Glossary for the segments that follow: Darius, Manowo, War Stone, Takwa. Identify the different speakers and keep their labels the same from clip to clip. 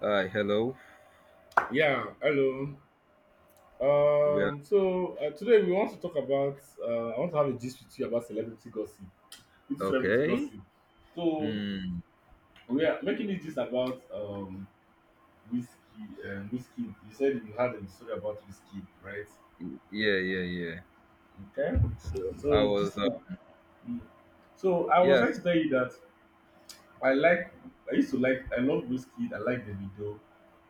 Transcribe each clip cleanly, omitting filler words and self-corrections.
Speaker 1: Hi, hello.
Speaker 2: Yeah, hello.
Speaker 1: We are
Speaker 2: So today we want to talk about. I want to have a gist with you about celebrity gossip. It's celebrity
Speaker 1: okay.
Speaker 2: gossip. So
Speaker 1: Mm,
Speaker 2: we are making it just about whiskey. Whiskey. You said you had a story about whiskey, right?
Speaker 1: yeah, yeah, yeah.
Speaker 2: Okay.
Speaker 1: So I
Speaker 2: So just
Speaker 1: was,
Speaker 2: mm. so I was trying
Speaker 1: yes,
Speaker 2: to tell you that I like. I used to like. I love whiskey. I like the video.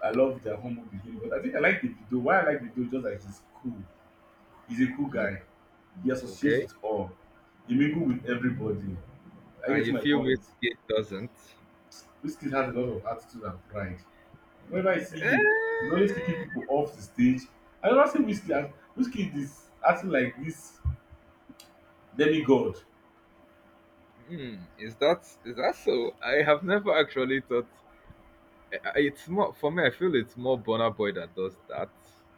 Speaker 2: I love their humble beginning, but I think I like the video. Why I like the video just like he's cool. He's a cool
Speaker 1: mm,
Speaker 2: guy. He associates
Speaker 1: okay.
Speaker 2: with all. He mingle with everybody. I
Speaker 1: And
Speaker 2: get
Speaker 1: you
Speaker 2: my
Speaker 1: feel
Speaker 2: point.
Speaker 1: whiskey doesn't?
Speaker 2: Whiskey has a lot of attitude and pride. Whenever I see him, he's
Speaker 1: Eh,
Speaker 2: always kicking people off the stage. I never see whiskey. Wizkid is acting like this demigod.
Speaker 1: is that so? I have never actually thought. It's more for me. I feel it's more Bonner Boy that does that,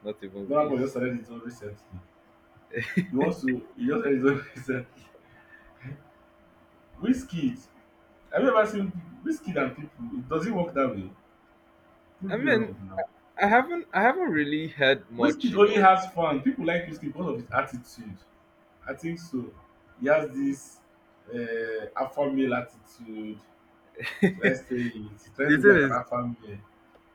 Speaker 1: not even
Speaker 2: That boy just
Speaker 1: Wiz.
Speaker 2: started his own recently. He wants to. He just started his own recently. Whiskey. Have you ever seen whiskey and people? It doesn't work that way.
Speaker 1: I
Speaker 2: Prove me
Speaker 1: mean,
Speaker 2: wrong now.
Speaker 1: I haven't really heard much,
Speaker 2: Whiskey
Speaker 1: you
Speaker 2: only
Speaker 1: know.
Speaker 2: has fun. People like whiskey because of his attitude. I think so. He has this alpha male attitude. Should I
Speaker 1: It
Speaker 2: say it? He's trying to be like an
Speaker 1: is.
Speaker 2: alpha male.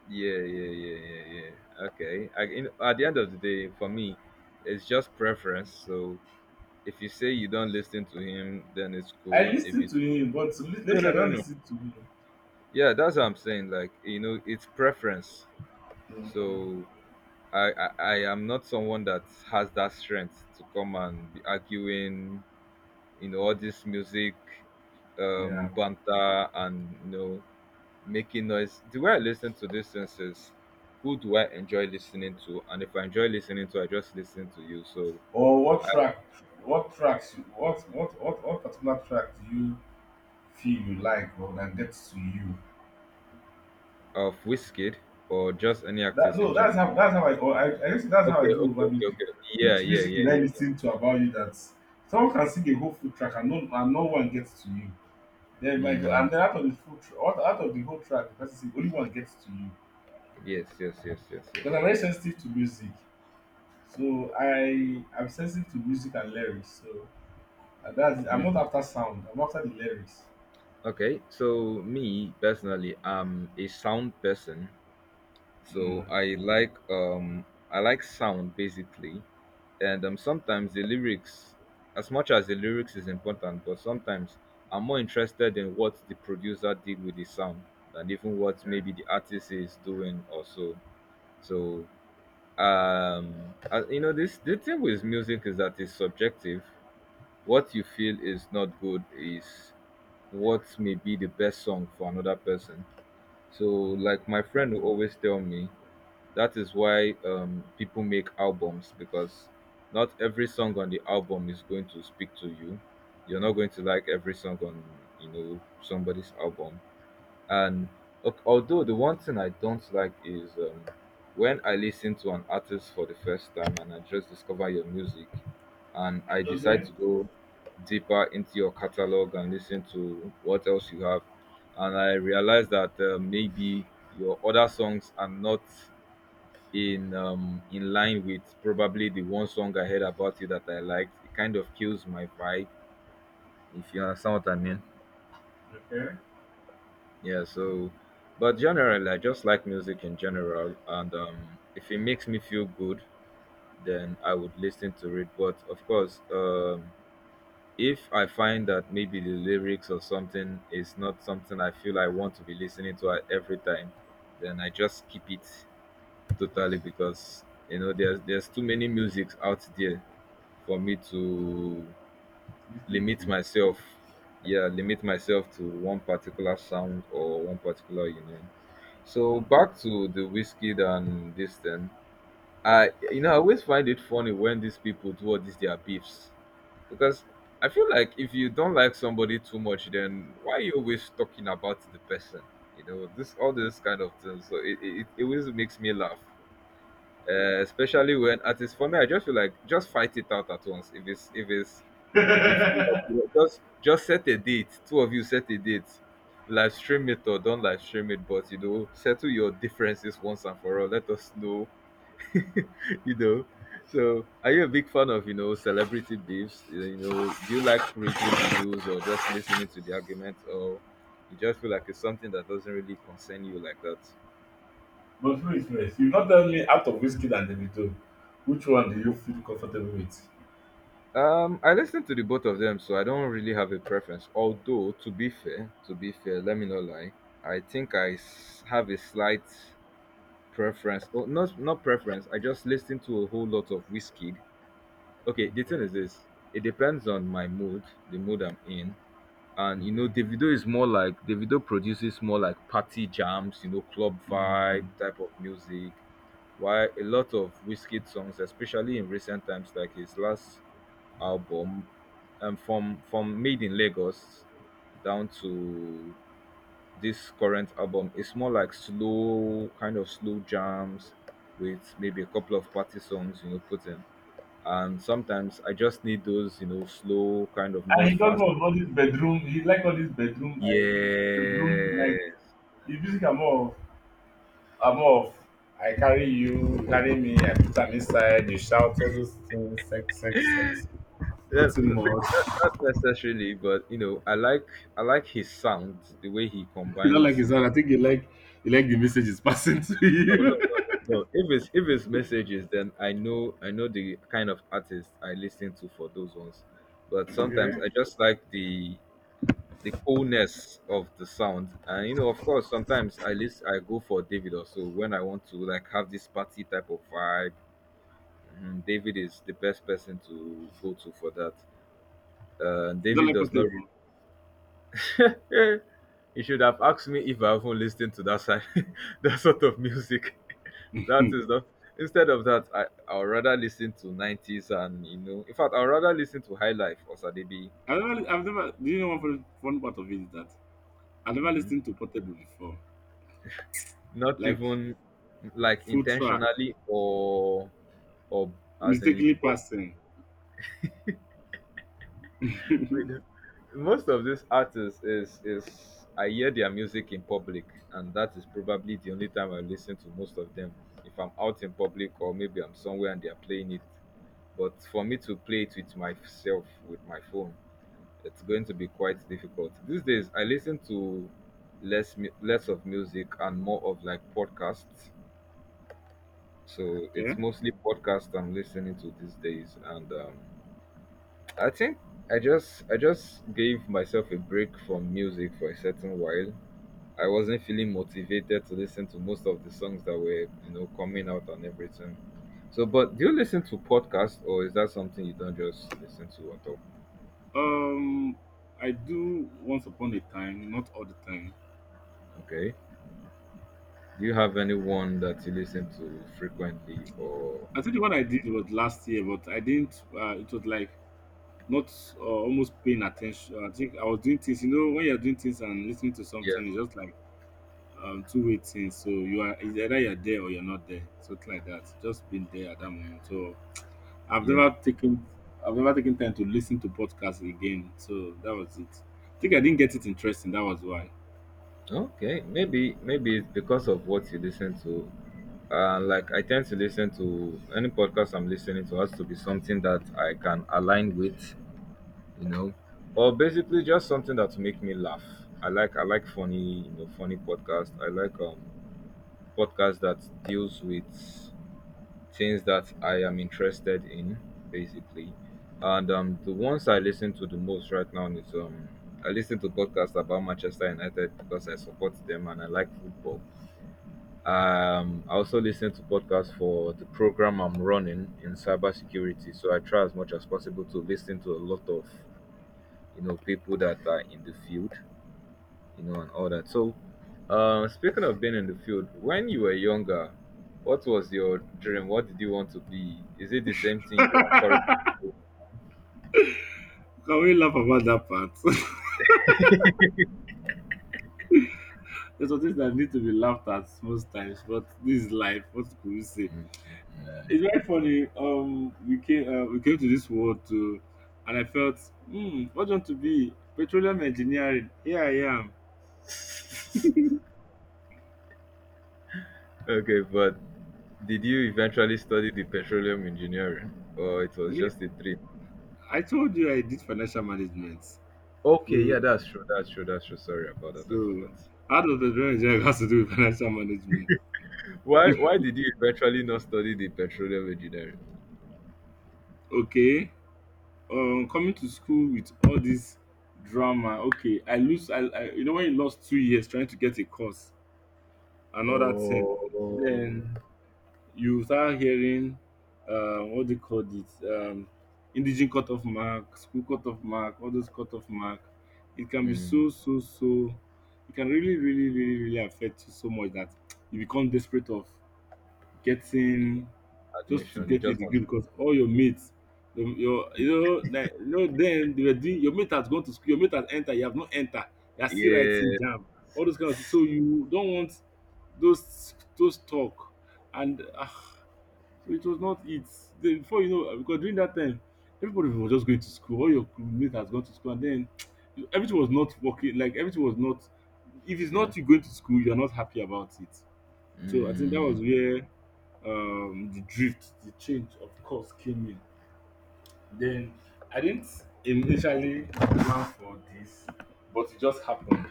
Speaker 1: Yeah, yeah, yeah, yeah, yeah. Okay. I, you At the end of the day, for me, it's just preference. So if you say you don't listen to him, then it's
Speaker 2: I
Speaker 1: cool. If
Speaker 2: listen
Speaker 1: you
Speaker 2: to him, but to
Speaker 1: No,
Speaker 2: lately I
Speaker 1: no, no,
Speaker 2: don't
Speaker 1: no.
Speaker 2: listen to him.
Speaker 1: Yeah, that's what I'm saying. Like it's preference.
Speaker 2: Hmm.
Speaker 1: So I am not someone that has that strength to come and be arguing. You know, all this music,
Speaker 2: Yeah.
Speaker 1: banter, and making noise. The way I listen to these things is: who do I enjoy listening to? And if I enjoy listening to, I just listen to you, so
Speaker 2: Or what track? What tracks? What particular track do you feel you like or that gets to you?
Speaker 1: of whiskey or just any
Speaker 2: That
Speaker 1: artist in
Speaker 2: no,
Speaker 1: general?
Speaker 2: that's how I guess that's how I
Speaker 1: Okay,
Speaker 2: do
Speaker 1: okay,
Speaker 2: over
Speaker 1: okay,
Speaker 2: music.
Speaker 1: okay. Yeah,
Speaker 2: Which
Speaker 1: yeah,
Speaker 2: music did
Speaker 1: yeah,
Speaker 2: I
Speaker 1: yeah.
Speaker 2: listen to about you that someone can sing a whole full track and no one gets to you? Then my go and
Speaker 1: Mm.
Speaker 2: then out of the out of the whole track, the person sing, only one gets to you.
Speaker 1: Yes, yes, yes, yes, yes.
Speaker 2: Because I'm very sensitive to music, so I'm sensitive to music and lyrics. So that's I'm not
Speaker 1: Mm.
Speaker 2: after sound. I'm after the lyrics.
Speaker 1: Okay, so me personally, I'm a sound person. So
Speaker 2: Mm.
Speaker 1: I like sound, basically, and sometimes the lyrics, as much as the lyrics is important, but sometimes I'm more interested in what the producer did with the sound than even what
Speaker 2: Okay.
Speaker 1: maybe the artist is doing also. So So you know this the thing with music is that it's subjective. What you feel is not good is what may be the best song for another person. So, like, my friend will always tell me that is why people make albums, because not every song on the album is going to speak to you. You're not going to like every song on somebody's album. And although the one thing I don't like is when I listen to an artist for the first time and I just discover your music, and I
Speaker 2: Okay.
Speaker 1: decide
Speaker 2: Okay.
Speaker 1: to go deeper into your catalog and listen to what else you have, and I realize that maybe your other songs are not in line with probably the one song I heard about you that I liked. It kind of kills my vibe, if you understand what I mean.
Speaker 2: Okay.
Speaker 1: Yeah, so, but generally, I just like music in general, and if it makes me feel good, then I would listen to it. But of course, if I find that maybe the lyrics or something is not something I feel I want to be listening to at every time, then I just keep it. Totally, because there's too many musics out there for me to
Speaker 2: Listen
Speaker 1: limit
Speaker 2: to.
Speaker 1: myself. Yeah, limit myself to one particular sound or one particular. So back to the whiskey and this thing. I you know I always find it funny when these people do all these their beefs. Because I feel like if you don't like somebody too much, then why are you always talking about the person? You know, this, all those kind of things. So it always makes me laugh, especially when artists, for me, I just feel like just fight it out at once, if you feel like, just set a date, two of you set a date, live stream it or don't live stream it, but settle your differences once and for all, let us know. you know so are you a big fan of celebrity beefs? You know do you like reading reviews or just listening to the argument, or you just feel like it's something that doesn't really concern you like that?
Speaker 2: But who is first? You not tell me out of whiskey and Davido. Which one do you feel comfortable with?
Speaker 1: I listen to the both of them, so I don't really have a preference. Although, to be fair, let me not lie. I think have a slight preference. Oh, not preference. I just listen to a whole lot of whiskey. Okay, the thing
Speaker 2: Okay.
Speaker 1: is this. It depends on my mood, the mood I'm in, and
Speaker 2: Okay.
Speaker 1: Davido produces more like party jams, club vibe
Speaker 2: Mm.
Speaker 1: type of music. Why a lot of whiskey songs, especially in recent times, like his last album, from Made in Lagos down to this current album. It's more like slow, kind of slow jams with maybe a couple of party songs, put in. And sometimes I just need those, slow, kind of
Speaker 2: And
Speaker 1: not
Speaker 2: he does
Speaker 1: fast.
Speaker 2: all this bedroom. He like all this bedroom. I bedroom
Speaker 1: Yes.
Speaker 2: like the music. I'm off. I'm off. I carry you, you carry me. I put am inside you shout all those things. Sex sex sex.
Speaker 1: Yeah,
Speaker 2: Nothing much.
Speaker 1: maybe not necessarily, but I like his sound, the way he
Speaker 2: You don't like
Speaker 1: combines.
Speaker 2: his sound. I think you like the message he's passing to
Speaker 1: No, no,
Speaker 2: you.
Speaker 1: no, no, no. If it's messages, then I know the kind of artist I listen to for those ones. But
Speaker 2: Okay.
Speaker 1: sometimes I just like the coolness of the sound. And of course, sometimes I go for David also, when I want to like have this party type of vibe. Mhm, David is the best person to go to for that.
Speaker 2: You don't
Speaker 1: David
Speaker 2: like
Speaker 1: does not.
Speaker 2: portable.
Speaker 1: You should have asked me if I haven't listened to that side, that sort of music. That is not. Instead of that, I would rather listen to nineties, and you know. In fact, I'd rather listen to High Life or Sadebi.
Speaker 2: I've never do you know one fun part of it is that I never
Speaker 1: Mhm.
Speaker 2: listened to portable before,
Speaker 1: Not
Speaker 2: like
Speaker 1: even like
Speaker 2: full track,
Speaker 1: intentionally, or as in
Speaker 2: mistakenly
Speaker 1: what?
Speaker 2: passing. Okay.
Speaker 1: Most of these artists is I hear their music in public, and that is probably the only time I listen to most of them, if I'm out in public or maybe I'm somewhere and they're playing it. But for me to play it with myself, with my phone, it's going to be quite difficult. These days I listen to less of music and more of, like, podcasts. So it's mostly podcasts I'm listening to these days, and I think I just gave myself a break from music for a certain while. I wasn't feeling motivated to listen to most of the songs that were, coming out and everything. So, but do you listen to podcasts, or is that something you don't just listen to at all?
Speaker 2: um I do once upon a time, not all the time.
Speaker 1: Okay. Do you have anyone that you listen to frequently, or
Speaker 2: I think the one I did was last year, but I didn't. It was like not, almost paying attention. I think I was doing things. You know, when you're doing things and listening to
Speaker 1: yeah,
Speaker 2: something, it's just like two-way things. So you are it's either you're there or you're not there, something like that. Just being there at that moment. So I've
Speaker 1: yeah?
Speaker 2: never taken I've never taken time to listen to podcasts again. So that was it. I think I didn't get it interesting. That was why.
Speaker 1: Okay, maybe it's because of what you listen to. Like, I tend to listen to any podcast. I'm listening to has to be something that I can align with, you know, or basically just something that will make me laugh. I like funny, funny podcast. I like podcasts that deals with things that I am interested in, basically. And the ones I listen to the most right now is I listen to podcasts about Manchester United, because I support them and I like football. I also listen to podcasts for the program I'm running in cybersecurity. So I try as much as possible to listen to a lot of people that are in the field, and all that. So, speaking of being in the field, when you were younger, what was your dream? What did you want to be? Is it the same thing you are currently?
Speaker 2: Can we laugh about that part? There's some things that need to be laughed at most times, but this is life. What could we say? It's very funny. We came to this world too, and I felt, what do you want to be? Petroleum engineering. Here I am.
Speaker 1: Okay, but did you eventually study the petroleum engineering, or it was
Speaker 2: Yeah,
Speaker 1: just a dream?
Speaker 2: I told you I did financial management.
Speaker 1: Okay, yeah,
Speaker 2: You,
Speaker 1: that's true. That's true. That's true. Sorry about that.
Speaker 2: so
Speaker 1: I forgot.
Speaker 2: how does petroleum engineering has to do with financial management?
Speaker 1: Why? Why did you eventually not study the petroleum engineering?
Speaker 2: Okay. Coming to school with all this drama. Okay, I lose. I when you lost 2 years trying to get a course, another thing.
Speaker 1: Oh,
Speaker 2: Then you start hearing what they call it indigent cut off mark, school cut off mark, all those cut off mark. It can be
Speaker 1: mm,
Speaker 2: so so so, it can really really really really affect you so much that you become desperate of getting, just to
Speaker 1: admission. You
Speaker 2: get a
Speaker 1: just want.
Speaker 2: degree,
Speaker 1: To,
Speaker 2: because all your mates, your, like, then they were doing, your mate has gone to school, your mate has entered, you have not entered, you are still writing
Speaker 1: yeah.
Speaker 2: jam, all those kind of things, so you don't want those talk, and so it was not it. Then before you know, because during that time, everybody was just going to school. All your crewmates has gone to school, and then everything was not working. Like everything was not. If it's
Speaker 1: Yeah.
Speaker 2: not you going to school, you're not happy about it. So I think that
Speaker 1: Mm,
Speaker 2: was where, the drift, the change of course came in. Then I didn't initially plan for this, but it just happened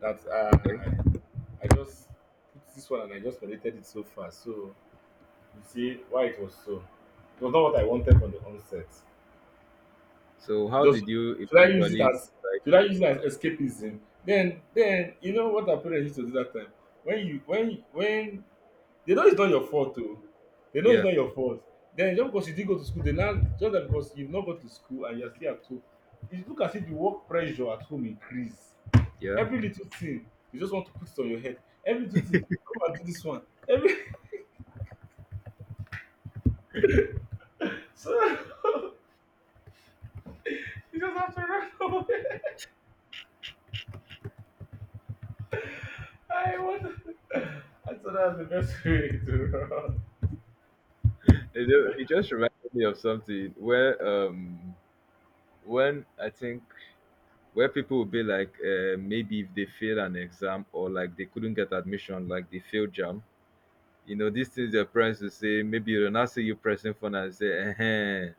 Speaker 2: that
Speaker 1: okay.
Speaker 2: I just put this one and I just mandated it so far. So you see why it was so. It was not what I wanted from the onset.
Speaker 1: So how
Speaker 2: Just,
Speaker 1: did you
Speaker 2: should I use it
Speaker 1: eventually?
Speaker 2: as should I use it as escapism? Then you know what our parents used to do that time. When you when they know it's not your fault though. They know it's
Speaker 1: Yeah,
Speaker 2: not your fault. Then just because you didn't go to school, they now just that because you've not gone to school and you're still at home. It look as if the work pressure at home increase.
Speaker 1: yeah.
Speaker 2: Every little thing you just want to put it on your head. Every little thing, come and do this one. Every so you just have to run. I what? I thought that was the best way to.
Speaker 1: It just reminded me of something where when I think, where people would be like, maybe if they fail an exam, or like they couldn't get admission, like they failed jam. You know these things, their parents will say, maybe they'll not see you pressing phone and say, eh,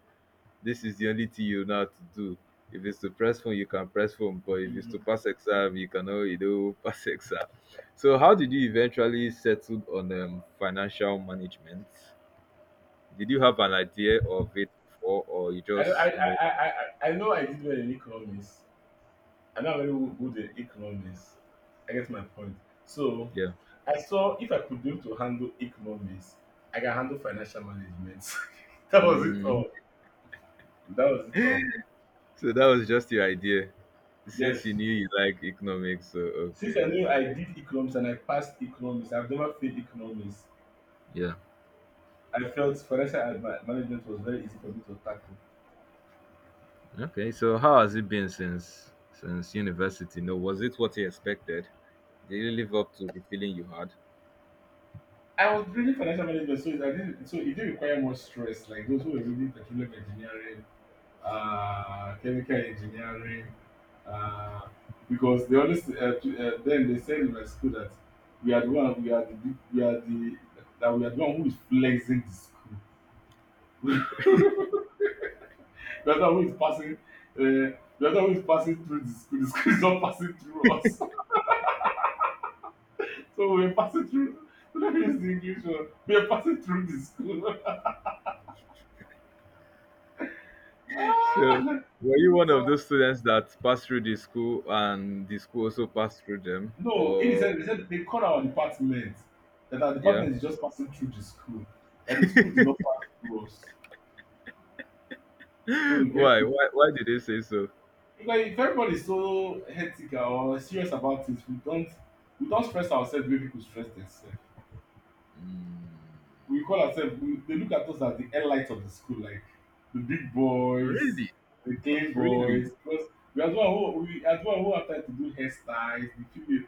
Speaker 1: this is the only thing you know how to do. If it's to press phone, you can press phone, but if it's to
Speaker 2: Mhm.
Speaker 1: pass exam, you cannot pass exam. So how did you eventually settle on financial management? Did you have an idea of it before, or you
Speaker 2: I know. I
Speaker 1: just
Speaker 2: I I I I know I did well in economics. I know I'm very good in economics. I get my point. So
Speaker 1: yeah?
Speaker 2: I saw if I could be able to handle economics, I can handle financial management. That was it
Speaker 1: Mm.
Speaker 2: all. That was it all.
Speaker 1: So that was just your idea, since
Speaker 2: Yes.
Speaker 1: you knew you like economics. So
Speaker 2: Since I
Speaker 1: okay,
Speaker 2: knew I
Speaker 1: okay,
Speaker 2: did economics and I passed economics, I've never failed economics.
Speaker 1: yeah,
Speaker 2: I felt financial management was very easy for me to tackle.
Speaker 1: okay. So how has it been since university? No, was it what you expected? Did you live up to the feeling you had?
Speaker 2: I was reading financial management, so it didn't require much stress. Like those who were reading petroleum engineering, chemical engineering, uh, because they always then they said in my school that we are the that we are the one who is flexing the school. We are the one who is passing. Uh, we are the one who is passing through the school. The school is not passing through us. So we are passing through. Let me use the English word. We are passing through the school.
Speaker 1: So,
Speaker 2: Ah!
Speaker 1: were you one
Speaker 2: So
Speaker 1: of those students that passed through the school and the school also passed through them?
Speaker 2: no, in the
Speaker 1: Or,
Speaker 2: sense, they said they called our department that our
Speaker 1: yeah?
Speaker 2: department is just passing through the school, that the school did not pass through us. So we get
Speaker 1: Why?
Speaker 2: it.
Speaker 1: Why did they say so?
Speaker 2: Because if everybody is so hectic or serious about it, we don't stress ourselves the way people stress themselves.
Speaker 1: Mm,
Speaker 2: We call ourselves we, they look at us as the elite of the school, like the big boys,
Speaker 1: really?
Speaker 2: the clean
Speaker 1: Really?
Speaker 2: boys, because we as well who have time to do hairstyles, the female,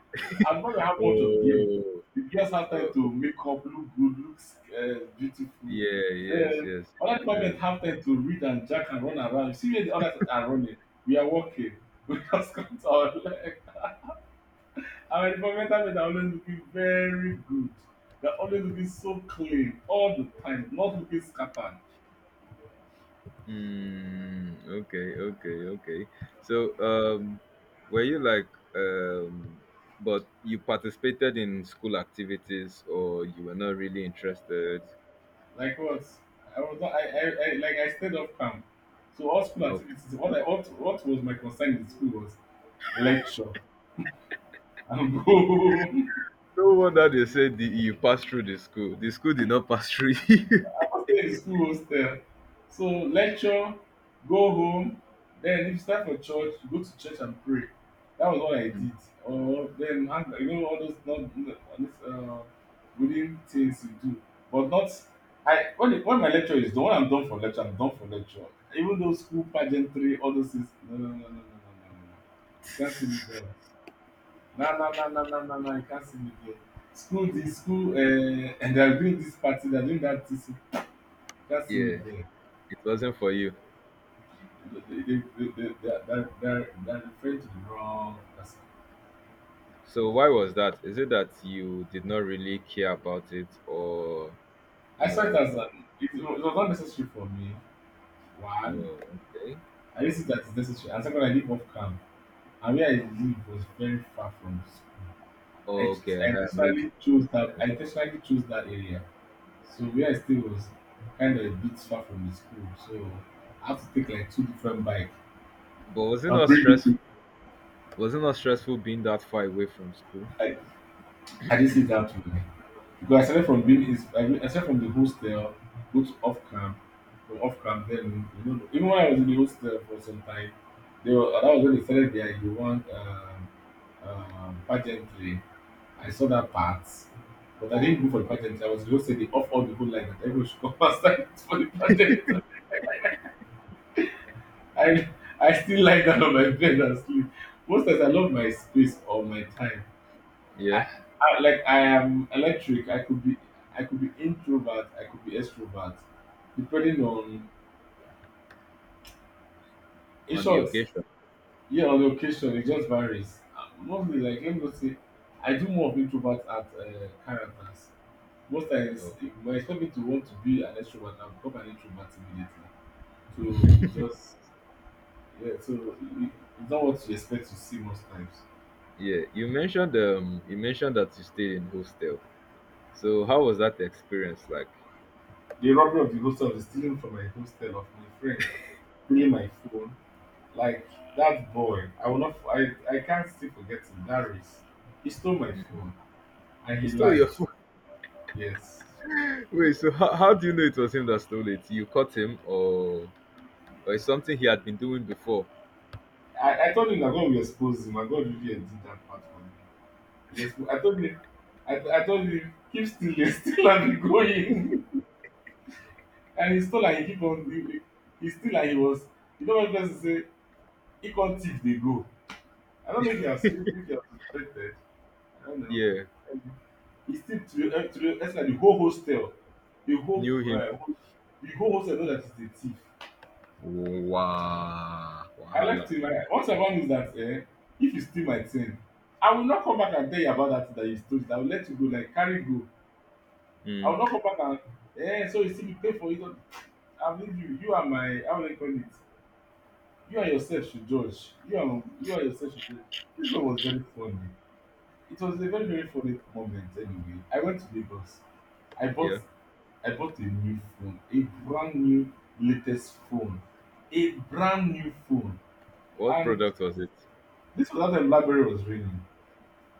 Speaker 2: as well we have much of girls.
Speaker 1: Oh,
Speaker 2: The girls have time
Speaker 1: oh,
Speaker 2: to
Speaker 1: okay.
Speaker 2: make up look good, look beautiful.
Speaker 1: Yeah, yes,
Speaker 2: Then
Speaker 1: yes,
Speaker 2: other department
Speaker 1: yes.
Speaker 2: have time to read and jack and run around. You see where the others are running, we are walking. We just come to our environmental, men are always looking very good. They are always looking so clean all the time, not looking scattered.
Speaker 1: Mm, okay, okay, okay. So, were you like, um, but you participated in school activities, or you were not really interested?
Speaker 2: Like what, I was not I I like I stayed off camp. So all school activities, what was my concern in school was lecture and go.
Speaker 1: No wonder they said you passed through the school. The school did not pass through you.
Speaker 2: Stay in school hostel. So lecture, go home. Then if it's time for church, you go to church and pray. That was all I did. Or then hang, you know, all those non all these wooden things you do, but not. When my lecture is done, when I'm done for lecture. Even though school pageantry, all those things, no no no no no no no no no, you can't see me there. No no no no no no no, you can't see me there. School this school uh, and they are doing this party, they are doing that thing, that series
Speaker 1: Yeah,
Speaker 2: there,
Speaker 1: it wasn't for you.
Speaker 2: they're referring to the wrong person.
Speaker 1: So why was that? Is it that you did not really care about it, or you
Speaker 2: I saw it
Speaker 1: know?
Speaker 2: as an, it was not necessary for me. One,
Speaker 1: Oh, okay,
Speaker 2: I didn't see that it's necessary. And second, I live off camp. And where I live was very far from school. I,
Speaker 1: oh, okay,
Speaker 2: I
Speaker 1: huh, makes
Speaker 2: intentionally chose
Speaker 1: makes
Speaker 2: that, I
Speaker 1: sense.
Speaker 2: intentionally chose that area. So where I stay was kind of a bit far from the school. So I have to take like two different bike.
Speaker 1: But was it
Speaker 2: I'll
Speaker 1: not
Speaker 2: bring it
Speaker 1: stress?
Speaker 2: to,
Speaker 1: Was it not stressful being that far away from school?
Speaker 2: I, I didn't see that too. Because I started from being is I started from the hostel, go to off camp, from off camp then you know, even when I was in the hostel for some time, they were that was when they started their You want pageantry. I saw that part, but I didn't go for the pageantry. I was just saying they off all the whole line that everyone should come outside for the pageantry. I I still lie down on my bed and sleep. Most times I love my space or my time.
Speaker 1: Yeah,
Speaker 2: I, I like I am electric. I could be introvert. I could be extrovert, depending on. In
Speaker 1: on the
Speaker 2: short,
Speaker 1: occasion.
Speaker 2: yeah, on the occasion it just varies. Mostly, like let me just say, I do more of introvert at characters. Most times, if
Speaker 1: Oh,
Speaker 2: you expect me to want to be an extrovert, I become an introvert immediately. So it just Yeah. It's not what you expect to see most times.
Speaker 1: yeah. You mentioned that you stayed in hostel. So how was that experience like?
Speaker 2: The robbery of the hostel is stealing from my hostel of my friend, stealing my phone. Like that boy, I will not. I can't still forget him. Darius, he stole my phone and
Speaker 1: You
Speaker 2: he
Speaker 1: stole your?
Speaker 2: lied. Yes,
Speaker 1: Wait, so how do you know it was him that stole it? You caught him, or it's something he had been doing before?
Speaker 2: I told him that God will expose him, and God really did that part for me. Yes, I told him. I told him keep still, still and be going, and he stole and he keep on. He still and he was. You know what person say? He can't thief they go. I don't know if he has if he has suspected. I don't know.
Speaker 1: Yeah,
Speaker 2: E still to the ex ten t that the whole hostel, the whole
Speaker 1: knew him.
Speaker 2: um the whole hostel know that he's a thief.
Speaker 1: Wow,
Speaker 2: I
Speaker 1: wahala.
Speaker 2: left him. Like once I found out that eh, if you steal my thing, I will not come back and tell you about that thing that you stole it. I will let you go, like carry go. I
Speaker 1: Hmm.
Speaker 2: will not come back and eh, so you see, you pay for it all. I will leave you, you and my, how will I call it, you and yourself should judge. You and yourself should judge. This one was very funny. It was a very very funny moment. Anyway, I went to Lagos. i bought
Speaker 1: Yeah.
Speaker 2: I bought a new phone, a brand new latest phone, a brand new phone.
Speaker 1: What
Speaker 2: And
Speaker 1: product was it?
Speaker 2: this was at the library, was raining.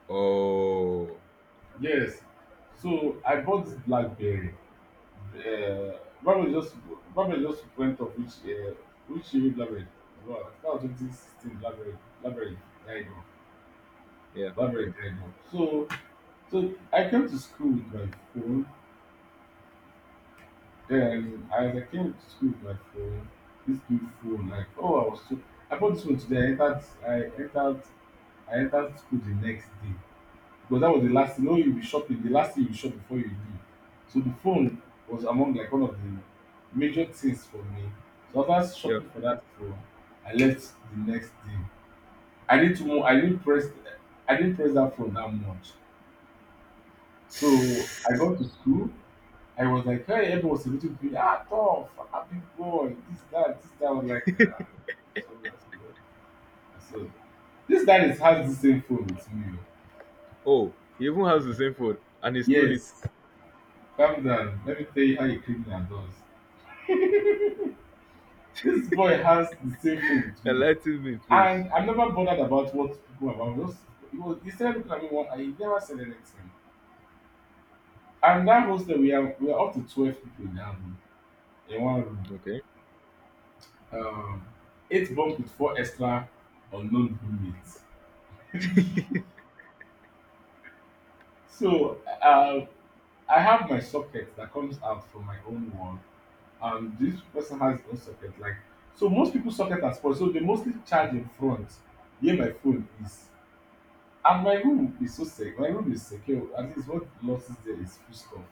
Speaker 1: Oh,
Speaker 2: Yes. So I bought this BlackBerry. Uh, BlackBerry just BlackBerry just went up, which year BlackBerry. Wow, that was 2016 BlackBerry. BlackBerry died off.
Speaker 1: yeah,
Speaker 2: BlackBerry died off. So I came to school with my phone. Then as I came to school with my phone, this new phone, like oh I was so, I bought this phone today, I entered school the next day. Because that was the last thing, you know you be shopping, the last thing you shop before you leave. So the phone was among like one of the major things for me. So after
Speaker 1: yeah.
Speaker 2: shopping for that phone, I left the next day. I didn't mo- I didn't press I didn't press that phone that much. So I got to school. I was like, hey, everyone was celebrating me. Ah, tough, happy boy, this, that, this, that. I was like, ah, so that's good. And so, this guy is has the same phone with me. Oh.
Speaker 1: Oh, he even has the same phone, and he stole it.
Speaker 2: Yes, calm down. Let me tell you how a criminal does. This boy has the same phone with me.
Speaker 1: Enlighten me, please.
Speaker 2: And I'm never bothered about what people are about. Just, he, was, he started looking at me one and he never said anything. And that hostel, we are up to 12 people in that room, in one room.
Speaker 1: Okay.
Speaker 2: Um, eight bunk with four extra unknown roommates. So I have my socket that comes out from my own wall, and this person has his own socket. Like so, most people's socket are spoiled, so they mostly charge in front where my phone is. And my room is so safe. My room is secure. At least what losses there is full stuff.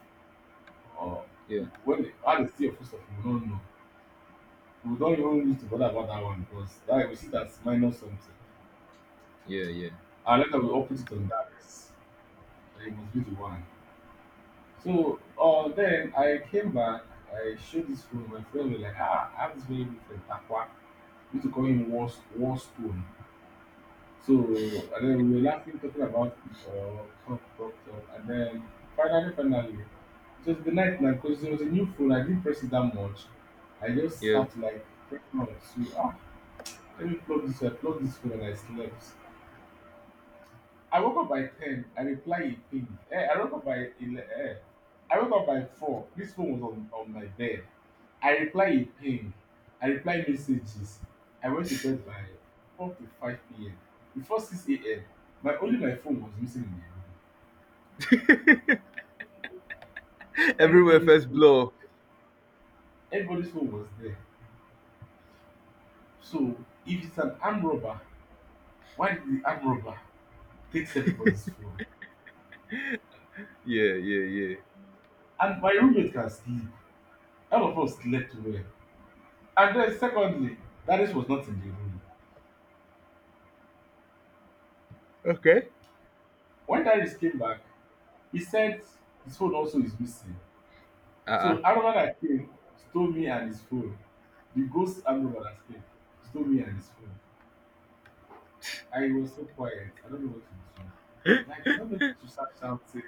Speaker 2: Or
Speaker 1: Yeah,
Speaker 2: when how they steal your full stuff, we don't know. We don't even need to bother about that one, because that we see that's minus something.
Speaker 1: yeah, yeah,
Speaker 2: And later we all put it on that. It must be the one. So then I came back, I showed this phone, my friend was like, ah, I have this very good friend, Takwa. We used to call him War, War Stone. So and then we were laughing, talking about it, or talk. And then finally, it was the night now because it was a new phone. I didn't press it that much. I just
Speaker 1: yeah.
Speaker 2: started like pressing on it. So, ah, let me plug this, I plug this phone and I slept. I woke up by 10. I reply a ping. Eh, I woke up by 11. Eh, I woke up by 4. This phone was on my bed. I reply a ping. I reply messages. I went to bed by 4 to 5 p.m. Before 6 a.m., my only my phone was missing in the room.
Speaker 1: Everywhere
Speaker 2: Everybody's
Speaker 1: first
Speaker 2: phone,
Speaker 1: blow.
Speaker 2: everybody's phone was there. So if it's an armed robber, why did the armed robber takes everybody's phone?
Speaker 1: Yeah, yeah, yeah.
Speaker 2: And my roommate can sleep. All of us slept well. And then secondly, Darius was not in the room.
Speaker 1: Okay.
Speaker 2: When Darius came back, he said his phone also is missing.
Speaker 1: Uh uh
Speaker 2: So Aroma that came stole me and his phone. The ghost Aroma that came stole me and his phone. I was so quiet. I don't know what to do. Like I don't know if she start shouting,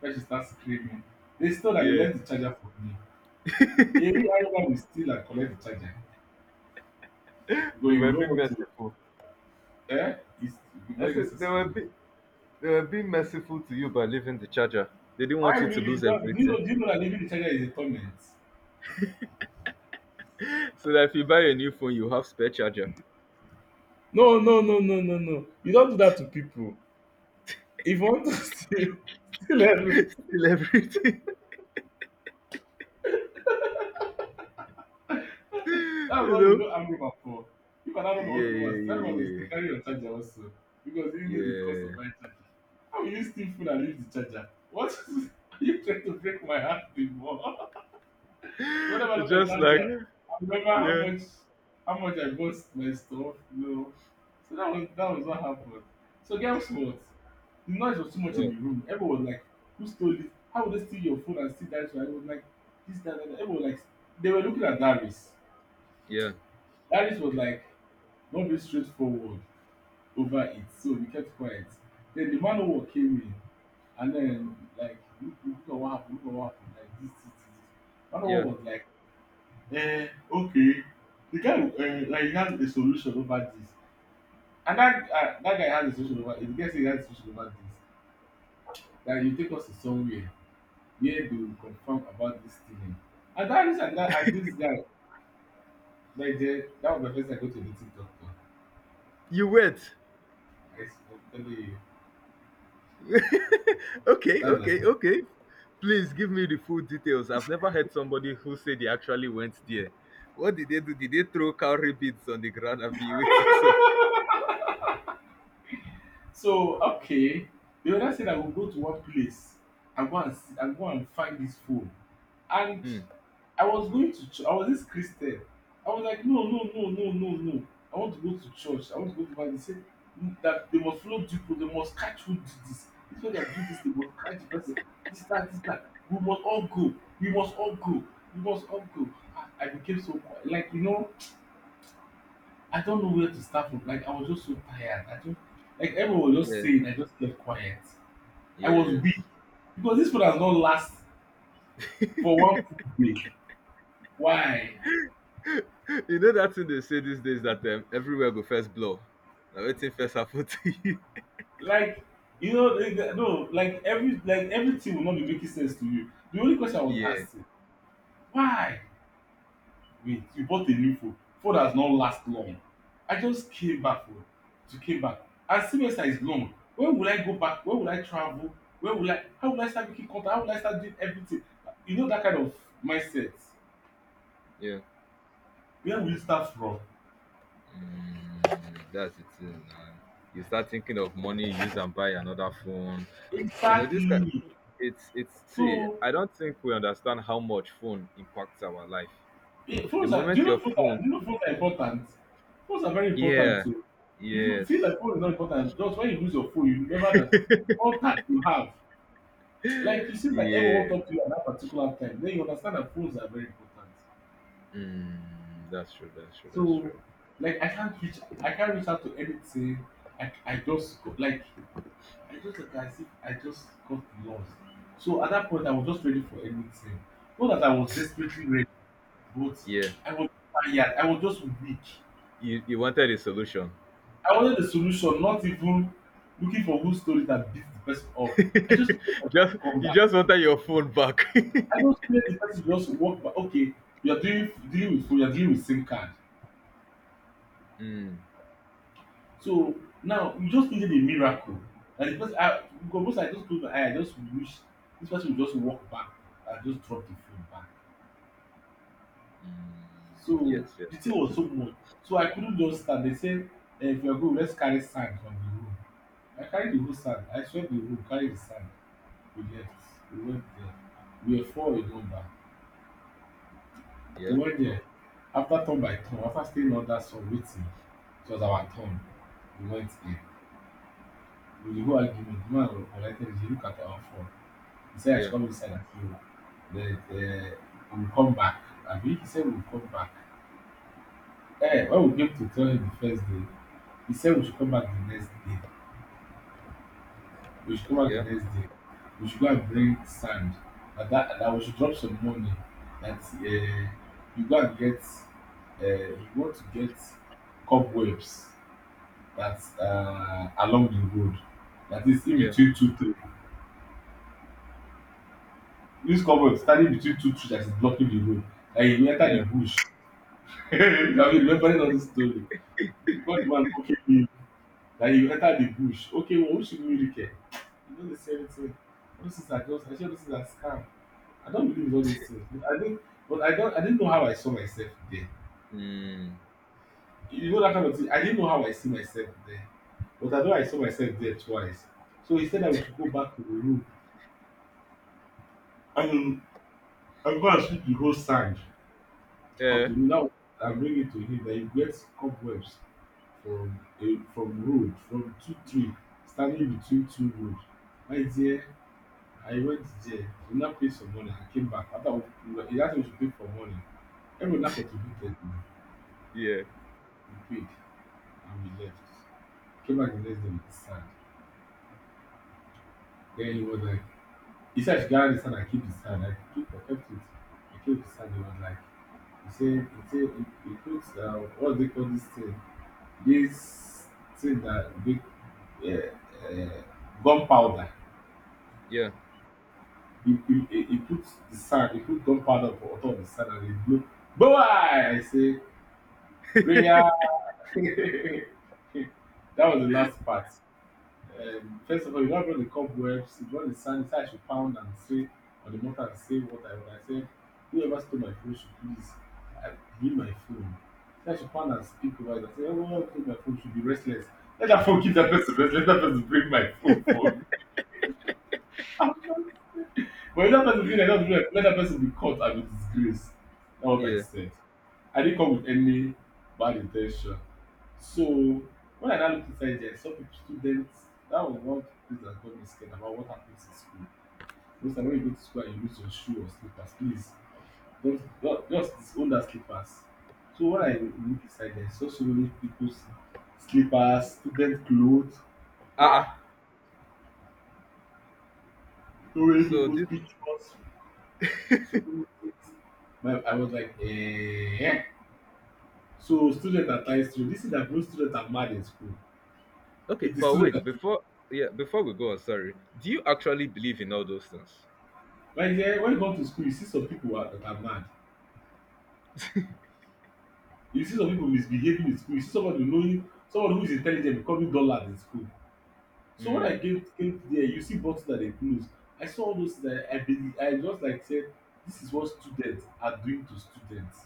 Speaker 2: when she start screaming. They stole and they
Speaker 1: Yeah.
Speaker 2: left the charger for me. Every Aroma will steal and collect the charger. Because
Speaker 1: They
Speaker 2: you
Speaker 1: were
Speaker 2: don't
Speaker 1: being
Speaker 2: want to,
Speaker 1: merciful.
Speaker 2: eh? It's, it will be
Speaker 1: I
Speaker 2: very
Speaker 1: said they
Speaker 2: necessary.
Speaker 1: were being— they were being merciful to you by leaving the charger. They didn't
Speaker 2: Why
Speaker 1: want you to
Speaker 2: really? You
Speaker 1: lose
Speaker 2: don't- Do you know,
Speaker 1: everything.
Speaker 2: that leaving the charger is a torment?
Speaker 1: So that if you buy a new phone, you have spare charger.
Speaker 2: No, no, no, no, no, no. You don't do that to people. If you want to steal, steal every.
Speaker 1: Still everything. You
Speaker 2: That's what they
Speaker 1: know?
Speaker 2: know hangover for. If an hangover wants
Speaker 1: Yeah,
Speaker 2: to go
Speaker 1: yeah,
Speaker 2: and steal, that's why they still
Speaker 1: yeah,
Speaker 2: carry your charger also. Because you know the cost of
Speaker 1: yeah.
Speaker 2: buying charger. How will you steal food and leave the charger? What Are you trying to break my heart anymore? So
Speaker 1: Yeah.
Speaker 2: whenever I look at
Speaker 1: Just like
Speaker 2: Kanja, I remember
Speaker 1: yeah.
Speaker 2: how much I bought my stuff, you know. So that was what happened. So guess what? The noise was too much in
Speaker 1: Oh,
Speaker 2: the room. Everyone was like, who stole it? How would they steal your phone and steal that? So I was like, this, that. That. Everyone was like, they were looking at Darius.
Speaker 1: yeah,
Speaker 2: Darius was like, don't be straightforward over it. So we kept quiet. Then the man who came in and then like, look, look at what happened, look at what happened. Like this. This. Man who
Speaker 1: yeah.
Speaker 2: was like, um okay. The guy like he has a solution over this and that, that guy has a solution over it. The guy say he has a solution over this, that he take us to somewhere where they will confirm about this thing and that this and that. And this guy, naije, that was my first time I go to the tiktok talk.
Speaker 1: You wait.
Speaker 2: I'm telling you,
Speaker 1: Okay,
Speaker 2: that's my
Speaker 1: okay,
Speaker 2: first.
Speaker 1: okay. Please give me the full details. I've never heard somebody who said they actually went there. What did they do? Did they throw cowrie beads on the ground and be with you? So,
Speaker 2: So okay, the other said I will go to one place and go and see, and go and find this phone. And
Speaker 1: hmm.
Speaker 2: I was going to church. I was this Christian. I was like, no, no, no, no, no, no. I want to go to church. I want to go to Bible. They said, "Mm, that they must follow people. They must catch who did this. This one that do this, they must catch the person. This that, this that. We must all go. We must all go. We must all go." Ah, I became so quiet. Like you know, I don't know where to start from. Like I was just so tired. I don't, like everyone was just
Speaker 1: Yeah.
Speaker 2: saying. I just kept quiet. I was weak
Speaker 1: Yes.
Speaker 2: because this food has not last for one full day. Why?
Speaker 1: You know that thing they say these days that everywhere go first blow. Now waiting first happen to you.
Speaker 2: Like you know, like, no, like every, like everything will not be making sense to you. The only question I was
Speaker 1: Yeah,
Speaker 2: asking, why? Wait, you bought a new phone has not last long. I just came back from, to came back, and semester is long. When will I go back? When will I travel? When will I, how will I start making contact? How will I start doing everything? You know, that kind of mindset.
Speaker 1: yeah.
Speaker 2: Where will you start from?
Speaker 1: Mm, that's the thing. Man. You start thinking of money, use and buy another phone. You know this kind.
Speaker 2: Exactly.
Speaker 1: It's see,
Speaker 2: So
Speaker 1: I don't think we understand how much phone impacts our life. The
Speaker 2: phones are, do
Speaker 1: moment
Speaker 2: you know
Speaker 1: your
Speaker 2: phones are
Speaker 1: phone,
Speaker 2: do you know phones are important. Phones are very important
Speaker 1: yeah,
Speaker 2: too. If you feel
Speaker 1: yes,
Speaker 2: like phone is not important, just when you lose your phone, you remember that contact you have. Like, you see, that everyone
Speaker 1: yeah.
Speaker 2: talk to you at that particular time. Then you understand that phones are very important.
Speaker 1: Mm, that's true. That's true. That's
Speaker 2: So,
Speaker 1: true.
Speaker 2: like, I can't reach out to anything. I just go, like, I just like as if I just got lost. So at that point, I was just ready for anything. Not that I was desperately ready, but
Speaker 1: Yeah.
Speaker 2: I was tired. I was just weak.
Speaker 1: You— you wanted a solution.
Speaker 2: I wanted a solution, not even looking for who stole it and beat the person up. I just wanted my phone
Speaker 1: Just—
Speaker 2: to come
Speaker 1: you
Speaker 2: back.
Speaker 1: just wanted your phone back.
Speaker 2: I don't see where the person just walk by. Okay, you are dealing with phone, you are dealing with SIM card.
Speaker 1: Mm,
Speaker 2: So now you just needed a miracle. Like the person, I, because most, I just close my eye, I just wish this person would just walk back and just drop the phone back.
Speaker 1: mm,
Speaker 2: So
Speaker 1: yes, yes,
Speaker 2: the thing
Speaker 1: yes.
Speaker 2: was so much. So I couldn't just stand. They said, eh, if you are going, let's carry sand from the room. I carried the whole sand. I swept the room, carried the sand. We left. We went there. We were four, we go back.
Speaker 1: Yeah,
Speaker 2: 1 year after, turn by turn, after staying under sun waiting, it was our turn. We went in. We dey go argument the man, unrightly dey look at our phone. He said I should
Speaker 1: yeah,
Speaker 2: come inside and clean up, then we will come back. Abi he said we will come back. Eh, when we came to tell him the first day, he said we should come back the next day, we should come back the
Speaker 1: yeah,
Speaker 2: next day. We should go and bring sand, and that we should drop some money, that you go and get, you want to get cobwebs, that's along the road. That is in
Speaker 1: yeah,
Speaker 2: between two trees. Use cover standing between two trees that is blocking the road. And you enter
Speaker 1: yeah.
Speaker 2: the bush. I mean, remembering all this story. Because the man okay me. That you enter the bush. Okay, well, who should we really care? You know, the same thing. All these things are just, I sure this is a scam. I don't believe in all those things. But I didn't know how I saw myself there.
Speaker 1: Mm,
Speaker 2: You know that kind of thing. I didn't know how I see myself there. But I know I saw myself there twice. So he said that we should go back to the room. And and go and sweep the whole sand of
Speaker 1: yeah,
Speaker 2: the road, that one, and bring it to him, that he get cobwebs from a, from road, from two tree standing between two road. My dear, I went there, we now pay some money. I came back after we, he ask me to pay for money. Everyone now contributed.
Speaker 1: yeah,
Speaker 2: We paid and we left. Came back the next day with the sand. Then he was like, he said I should gather the sand and keep the sand. I kept it. I kept the sand. He was like, he say he say he put, what do they call this thing, this thing that big, uh, uh, gunpowder.
Speaker 1: yeah,
Speaker 2: He put the sand, he put gunpowder up on top of the sand and he blew. Boy! I say, prayer. That was the last part. First of all, you don't brought the cobwebs, you brought the sand, so I should pound and say, on the mortar and say what I want. I said, whoever stole my phone should please, uh, give my phone. So I should pound and speak over it. I said, whoever stole my phone should be restless. Let that phone keep that person restless. Let that person bring my phone. But if that person feel like, that person, let that person be caught and be disgraced. That's what I
Speaker 1: yeah.
Speaker 2: said. I didn't come with any bad intention. So when I now look inside there, some people, students, that was one thing that got me scared about what happens in school. Most time when you go to school and you lose your shoe or slippers, please don't just disown that slippers. So when I
Speaker 1: Hmm.
Speaker 2: look inside there, I saw so many people's slippers, student clothes,
Speaker 1: Ah, uh,
Speaker 2: ah, so many
Speaker 1: so
Speaker 2: people's
Speaker 1: this.
Speaker 2: pictures, so many things. My, I was like, eh. So students are tied to this, is that most students are mad in school.
Speaker 1: Okay,
Speaker 2: It is
Speaker 1: but
Speaker 2: students
Speaker 1: wait.
Speaker 2: that,
Speaker 1: Before, yeah, before we go on, sorry. Do you actually believe in all those things?
Speaker 2: like, yeah, when you come to school, you see some people are, that are mad. You see some people misbehaving in school. You see somebody knowing someone who is intelligent becoming dullard in school. So when I
Speaker 1: Mm,
Speaker 2: came there, you see bottles that they close. I saw all those, that I believe. I just like said, this is what students are doing to students.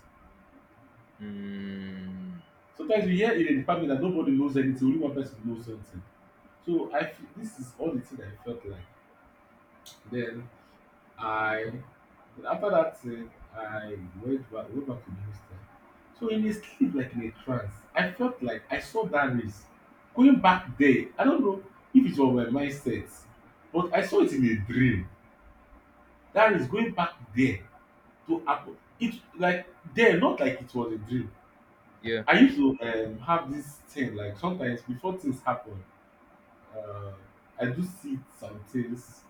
Speaker 1: mm,
Speaker 2: Sometimes we hear in a department that nobody knows anything, only one person knows something. So I feel this is all the thing I felt like. Then I, then after that thing, I went back to the hostel. So in a sleep, like in a trance, I felt like I saw that race going back there. I don't know if it was my mindset, but I saw it in a dream. That race going back there to happen. It like there, not like it was a dream.
Speaker 1: yeah,
Speaker 2: I used to have this thing like, sometimes before things happen, uh, I do see some things.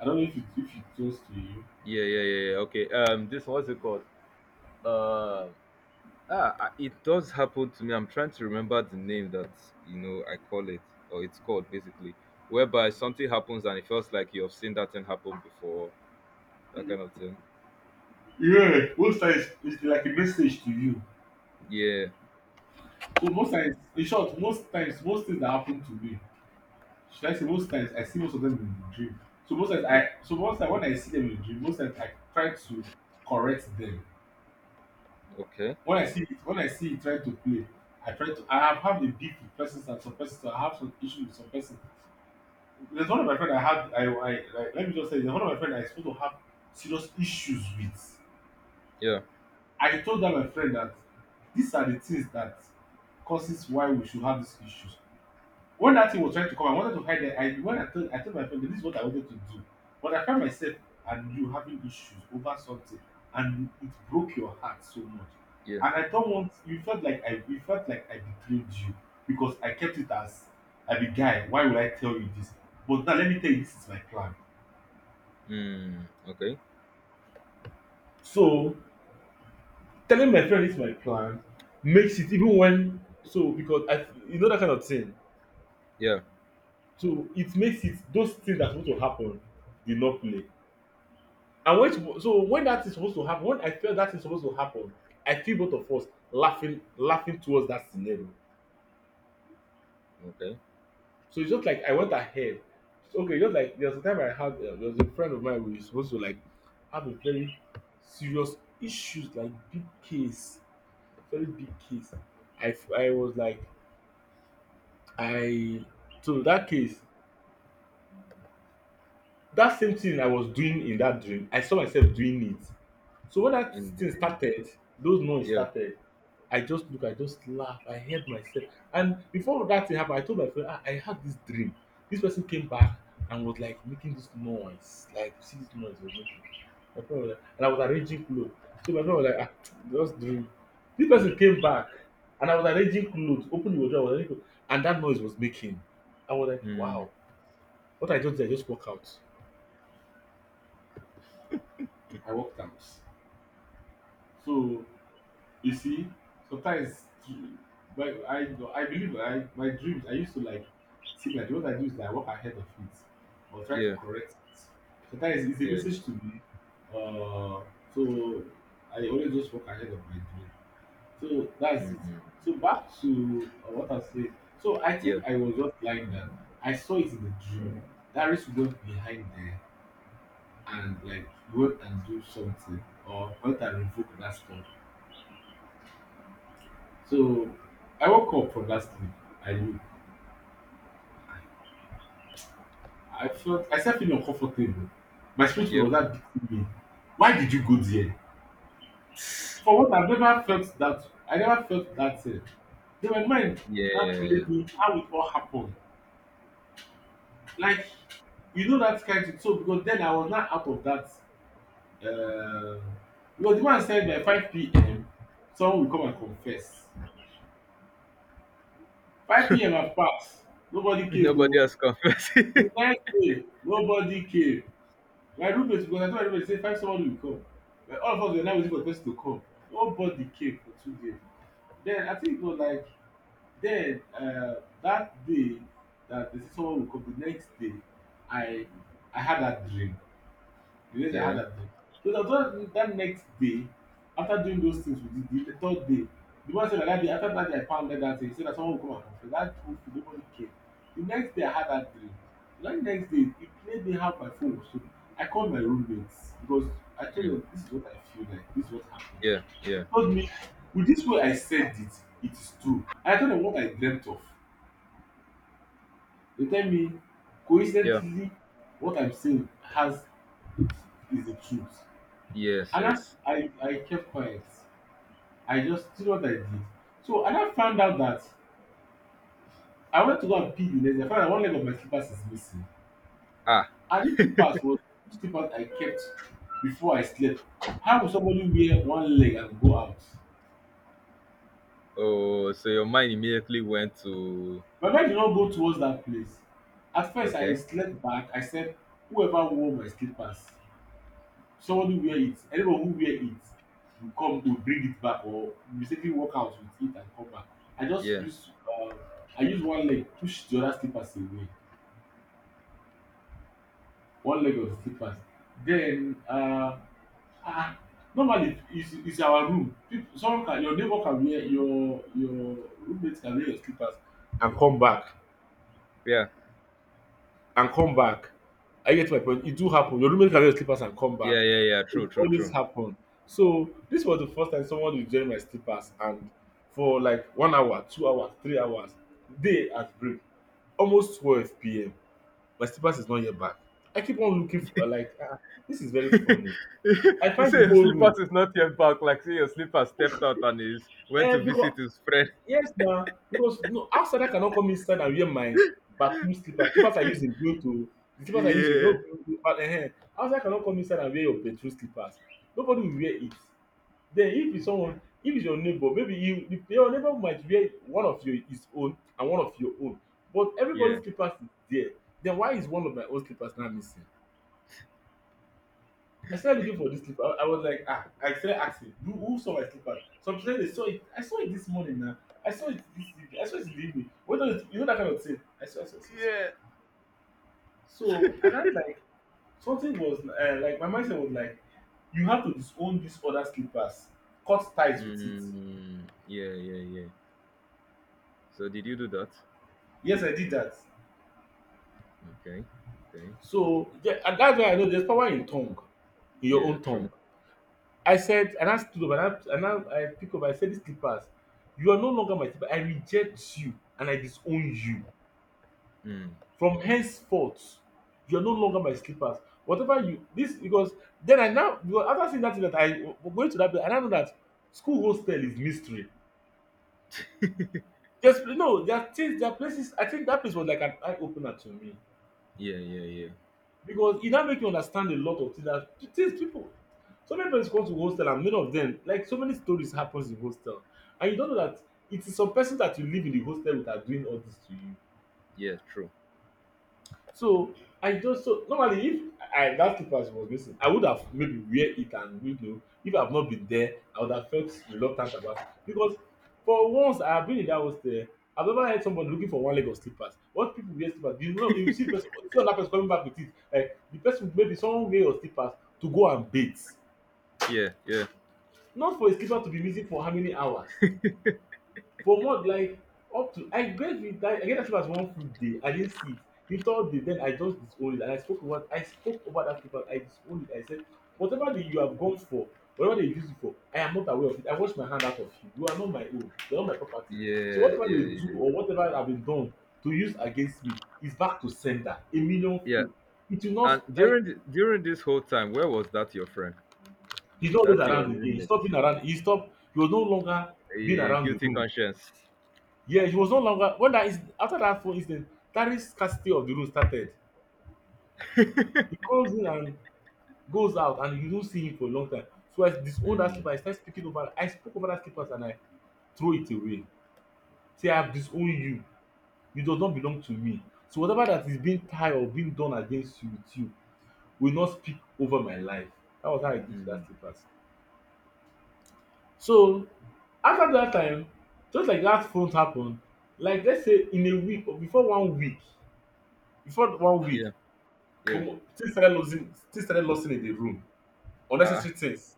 Speaker 2: I don't know if it goes to you.
Speaker 1: yeah, yeah, yeah. Yeah, okay. This what's it called? Uh, I- it does happen to me. I'm trying to remember the name that you know I call it, or it's called basically, whereby something happens and it feels like you've seen that thing happen before, that kind of thing.
Speaker 2: Yeah, most times it's like a message to you.
Speaker 1: Yeah.
Speaker 2: So most times, in short, most times, most things that happen to me, should I say, most times, I see most of them in the dream. So most times, I, so most times when I see them in the dream, most times I try to correct them.
Speaker 1: Okay.
Speaker 2: When I see it, when I see it, try to play. I try to. I have had a beef with persons and some persons. I have some issue with some person. There's one of my friend I had. I like, let me just say, there's one of my friend I supposed to have serious issues with.
Speaker 1: Yeah.
Speaker 2: I told that my friend that these are the things that causes why we should have these issues. When that thing was trying to come, I wanted to hide it. I, when I told my friend that this is what I wanted to do, but I found myself and you having issues over something, and it broke your heart so much.
Speaker 1: Yeah.
Speaker 2: And I don't want, you felt like I, you felt like I betrayed you because I kept it as, I be guy. Why would I tell you this? But now let me tell you, this is my plan.
Speaker 1: Hmm. Okay.
Speaker 2: So telling my friend this is my plan makes it, even when, so because I, you know that kind of thing.
Speaker 1: Yeah.
Speaker 2: So it makes it, those things that are supposed to happen did not play. And when it, so when that is supposed to happen, when I feel that is supposed to happen, I feel both of us laughing towards that scenario.
Speaker 1: Okay.
Speaker 2: So it's just like I went ahead. Okay, just like there's a time I had, there was a friend of mine we were supposed to like have a very serious issues, like big case, very big case. I I was like, I, so that case, that same thing I was doing in that dream, I saw myself doing it. So when that
Speaker 1: In the
Speaker 2: thing started, those noise
Speaker 1: yeah.
Speaker 2: started, I just look, I just laugh, I heard myself. And before that thing happened, I told my friend, ah, I had this dream. This person came back and was like making this noise, like see this noise was making. My friend was like, and I was arranging clothes. So my friend was like, ah, just dream. This person came back and I was arranging clothes, opening the wardrobe, I was arranging clothes, and that noise was making. I was like,
Speaker 1: Hmm.
Speaker 2: wow. What I just did, I just walk out. I worked out. So you see, sometimes, but I believe I, my dreams, I used to like see my dreams. What I do is that I walk ahead of it or try to
Speaker 1: Yeah.
Speaker 2: correct it. Sometimes it's a
Speaker 1: Yeah.
Speaker 2: message to me. Uh, so I always just walk ahead of my dream. So that's it.
Speaker 1: Hmm.
Speaker 2: So back to what I said. So I
Speaker 1: Yeah.
Speaker 2: think I was just lying down. I saw it in the dream. That risk went behind there and like go and do something or go out and revoke that stuff. So I woke up from that sleep. I knew. I felt I started feeling uncomfortable. My spirit
Speaker 1: Yeah.
Speaker 2: was that beating me. Why did you go there? For what I've never felt that I never felt that thing. Then my mind now played
Speaker 1: Yeah.
Speaker 2: me how it all happened. Like you know that kind of so because then I was not out of that um because the man said by 5 p.m. someone will come and confess. 5 p.m. has passed. Nobody came
Speaker 1: Nobody
Speaker 2: oh.
Speaker 1: has confessed.
Speaker 2: The next day, nobody came. My roommate because I told my roommate say find somebody will come. Like all of us were now waiting for the person to come. Nobody came for 2 days. Then I think it was like then that day that they say someone will come, the next day I I had that dream. The days I had
Speaker 1: Yeah.
Speaker 2: at them. So that was that next day, after doing those things we did, the third day, the one said that, that day, after that day I pounded that thing, he said that someone will come and confess. That whole nobody came. The next day I had that dream. That next day, it played me how my phone so. I called my roommates because I told
Speaker 1: Hmm.
Speaker 2: them this is what I feel like, this is what happened.
Speaker 1: Yeah.
Speaker 2: They
Speaker 1: Yeah.
Speaker 2: told me, with this way I said it, it is true. I told them what I dreamt of. They tell me,
Speaker 1: Yeah.
Speaker 2: coincidentally, what I'm saying has is the truth.
Speaker 1: Yes.
Speaker 2: And as
Speaker 1: Yes.
Speaker 2: I kept quiet, I just did what I did. So I now found out that I went to go and pee the next day. I found out one leg of my slippers is missing.
Speaker 1: Ah.
Speaker 2: And these slippers was these slippers I kept before I slept. How will somebody wear one leg and go out?
Speaker 1: Oh, so your mind immediately went to—
Speaker 2: My mind did not go towards that place. At first, I
Speaker 1: okay,
Speaker 2: slept back. I said, whoever wore my slippers someone who wear it anyone who wear it will come will bring it back or mistakenly walk out with it and come back. I just
Speaker 1: yeah,
Speaker 2: use uh, I use one leg push the other slippers away, one leg of the slippers. Then uh, ah normally it's our room people someone can your neighbor can wear your roommate can wear your slippers and come back
Speaker 1: yeah,
Speaker 2: and come back. I get my point. It do happen. Your roommate can wear slippers and come back.
Speaker 1: yeah, yeah, yeah.
Speaker 2: It
Speaker 1: True, true,
Speaker 2: always
Speaker 1: true.
Speaker 2: happen. So this was the first time someone was wearing my slippers and for like 1 hour, 2 hours, 3 hours, day at break, almost 12 p.m. My slippers is not yet back. I keep on looking for like ah, this is very funny. I
Speaker 1: You
Speaker 2: find
Speaker 1: say
Speaker 2: the
Speaker 1: your
Speaker 2: whole room.
Speaker 1: slippers is not yet back. Like say your slipper stepped out and is went
Speaker 2: Eh,
Speaker 1: to visit
Speaker 2: because
Speaker 1: his friend.
Speaker 2: yes na, because no outsider cannot come inside and wear my bathroom slippers. Slippers I use in going to the slippers I use in
Speaker 1: Yeah,
Speaker 2: no outsider cannot come inside and wear your bedroom slippers. Nobody will wear it. Then if it's someone if it's your neighbor maybe you if your neighbor might wear one of your his own and one of your own, but
Speaker 1: yeah,
Speaker 2: everybody's slippers is there. Then why is one of my own slippers now missing? I started looking for this slipper. I was like, ah, I started asking, who saw my slipper? Some people said they saw it. I saw it this morning now. I saw it this evening. I saw it in the evening. What does it, you know that kind of thing? I saw. I saw.
Speaker 1: yeah.
Speaker 2: So, and I'm like, something was like, my mindset was like, you have to disown these other slippers, cut ties with it.
Speaker 1: Mm, yeah, yeah, yeah. So did you do that?
Speaker 2: Yes, I did that.
Speaker 1: Okay, okay.
Speaker 2: So, yeah, and that's why I know there's power in tongue, in your
Speaker 1: Yeah,
Speaker 2: own
Speaker 1: true.
Speaker 2: tongue. I said and I stood up and I pick up I said these slippers you are no longer my slipper I reject you and I disown you
Speaker 1: Mm,
Speaker 2: from henceforth. You are no longer my slippers. Whatever you this because then I now because after seeing that thing that I going to that place and I now know that school hostel is mystery, there's no there are things there are places I think that place was like an eye opener to me
Speaker 1: yeah, yeah, yeah,
Speaker 2: because e don make you understand a lot of things that things people so many persons come to hostel and many of them like so many stories happens in hostel and you don't know that it is some person that you live in the hostel with are doing all this to you.
Speaker 1: yeah. True.
Speaker 2: So I just so normally if I that slipper she was missing I would have maybe wear it and you know if I have not been there I would have felt reluctant about it because for once I have been in that hostel I have never heard somebody looking for one leg of slippers. What people wear slippers, you know, you see person you see another person coming back with it like the person maybe someone wear your slippers to go and bath,
Speaker 1: Yeah, yeah,
Speaker 2: not for a slipper to be missing for how many hours, for month, like up to I get with that. I get that far as one full day I didn't see it, the third day then I just disowned it, and I spoke over I spoke over that paper I disowned it I said whatever the you have gone for, whatever they use it for I am not aware of it, I wash my hand out of you, you are not my own, you are not my property, so
Speaker 1: yeah,
Speaker 2: whatever they
Speaker 1: yeah,
Speaker 2: do
Speaker 1: yeah.
Speaker 2: or whatever have been done to use against me is back to sender a million
Speaker 1: Yeah.
Speaker 2: fold. It will
Speaker 1: And
Speaker 2: not like
Speaker 1: during this whole time, where was that your friend?
Speaker 2: he's not always
Speaker 1: That's your
Speaker 2: around again, he
Speaker 1: roommate.
Speaker 2: stop being around, he stop he was no longer being
Speaker 1: A
Speaker 2: around the
Speaker 1: guilty
Speaker 2: room.
Speaker 1: conscience.
Speaker 2: Yeah, it was no longer when that is after that phone incident, that is scarcity of the room started. He comes in and goes out, and you don't see him for a long time. So I disown that
Speaker 1: Mm,
Speaker 2: slipper. I start speaking over. I spoke over that slippers and I throw it away. Say I have disowned you. You does not belong to me. So whatever that is being tied or being done against you with you will not speak over my life. That was how I did to that
Speaker 1: mm,
Speaker 2: slippers. So after that time, just like that phone happened, like let's say in a week or before 1 week, before 1 week,
Speaker 1: yeah, yeah.
Speaker 2: Omo, things started losing things started lossing in the room.
Speaker 1: Uh,
Speaker 2: Unnecessary things.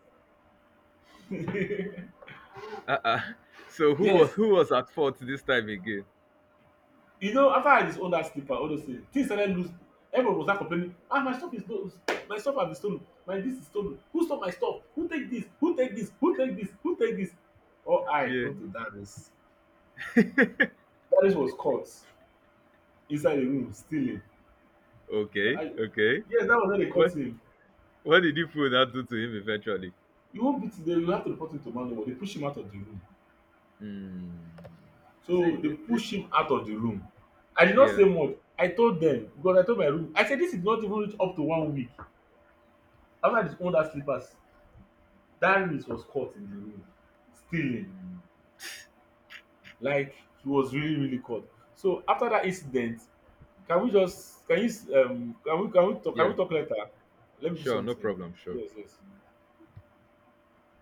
Speaker 1: uh, uh, uh. So
Speaker 2: Yes.
Speaker 1: who was at fault this time again?
Speaker 2: You know, after I disowned that slipper, all those things, things started loose. Everyone was now complaining, ah, my stuff is stolen. My stuff has been stolen. My this is stolen. Who stole my stuff? Who take this? Who take this? Who take this? Who take this? Oh, I
Speaker 1: Yeah.
Speaker 2: come to Darius. Darius was caught inside the room stealing.
Speaker 1: Okay.
Speaker 2: I,
Speaker 1: Okay.
Speaker 2: yes, that was when they caught
Speaker 1: What
Speaker 2: him.
Speaker 1: what did you put that do to him eventually?
Speaker 2: You won't beat him. They will have to report him to Manowo. They push him out of the room.
Speaker 1: Mm. See.
Speaker 2: So they
Speaker 1: This,
Speaker 2: push
Speaker 1: this-
Speaker 2: him out of the room. I did not
Speaker 1: yeah.
Speaker 2: say much. I told them because I told my room. I said this did not even reach up to 1 week. After they owned that slippers, Darius was caught in the room stealing.
Speaker 1: Mm,
Speaker 2: Like he was really really caught. So after that incident, can we just can you can we
Speaker 1: yeah.
Speaker 2: talk later? Let me do
Speaker 1: Sure. No
Speaker 2: something.
Speaker 1: problem. Sure.
Speaker 2: Yes yes.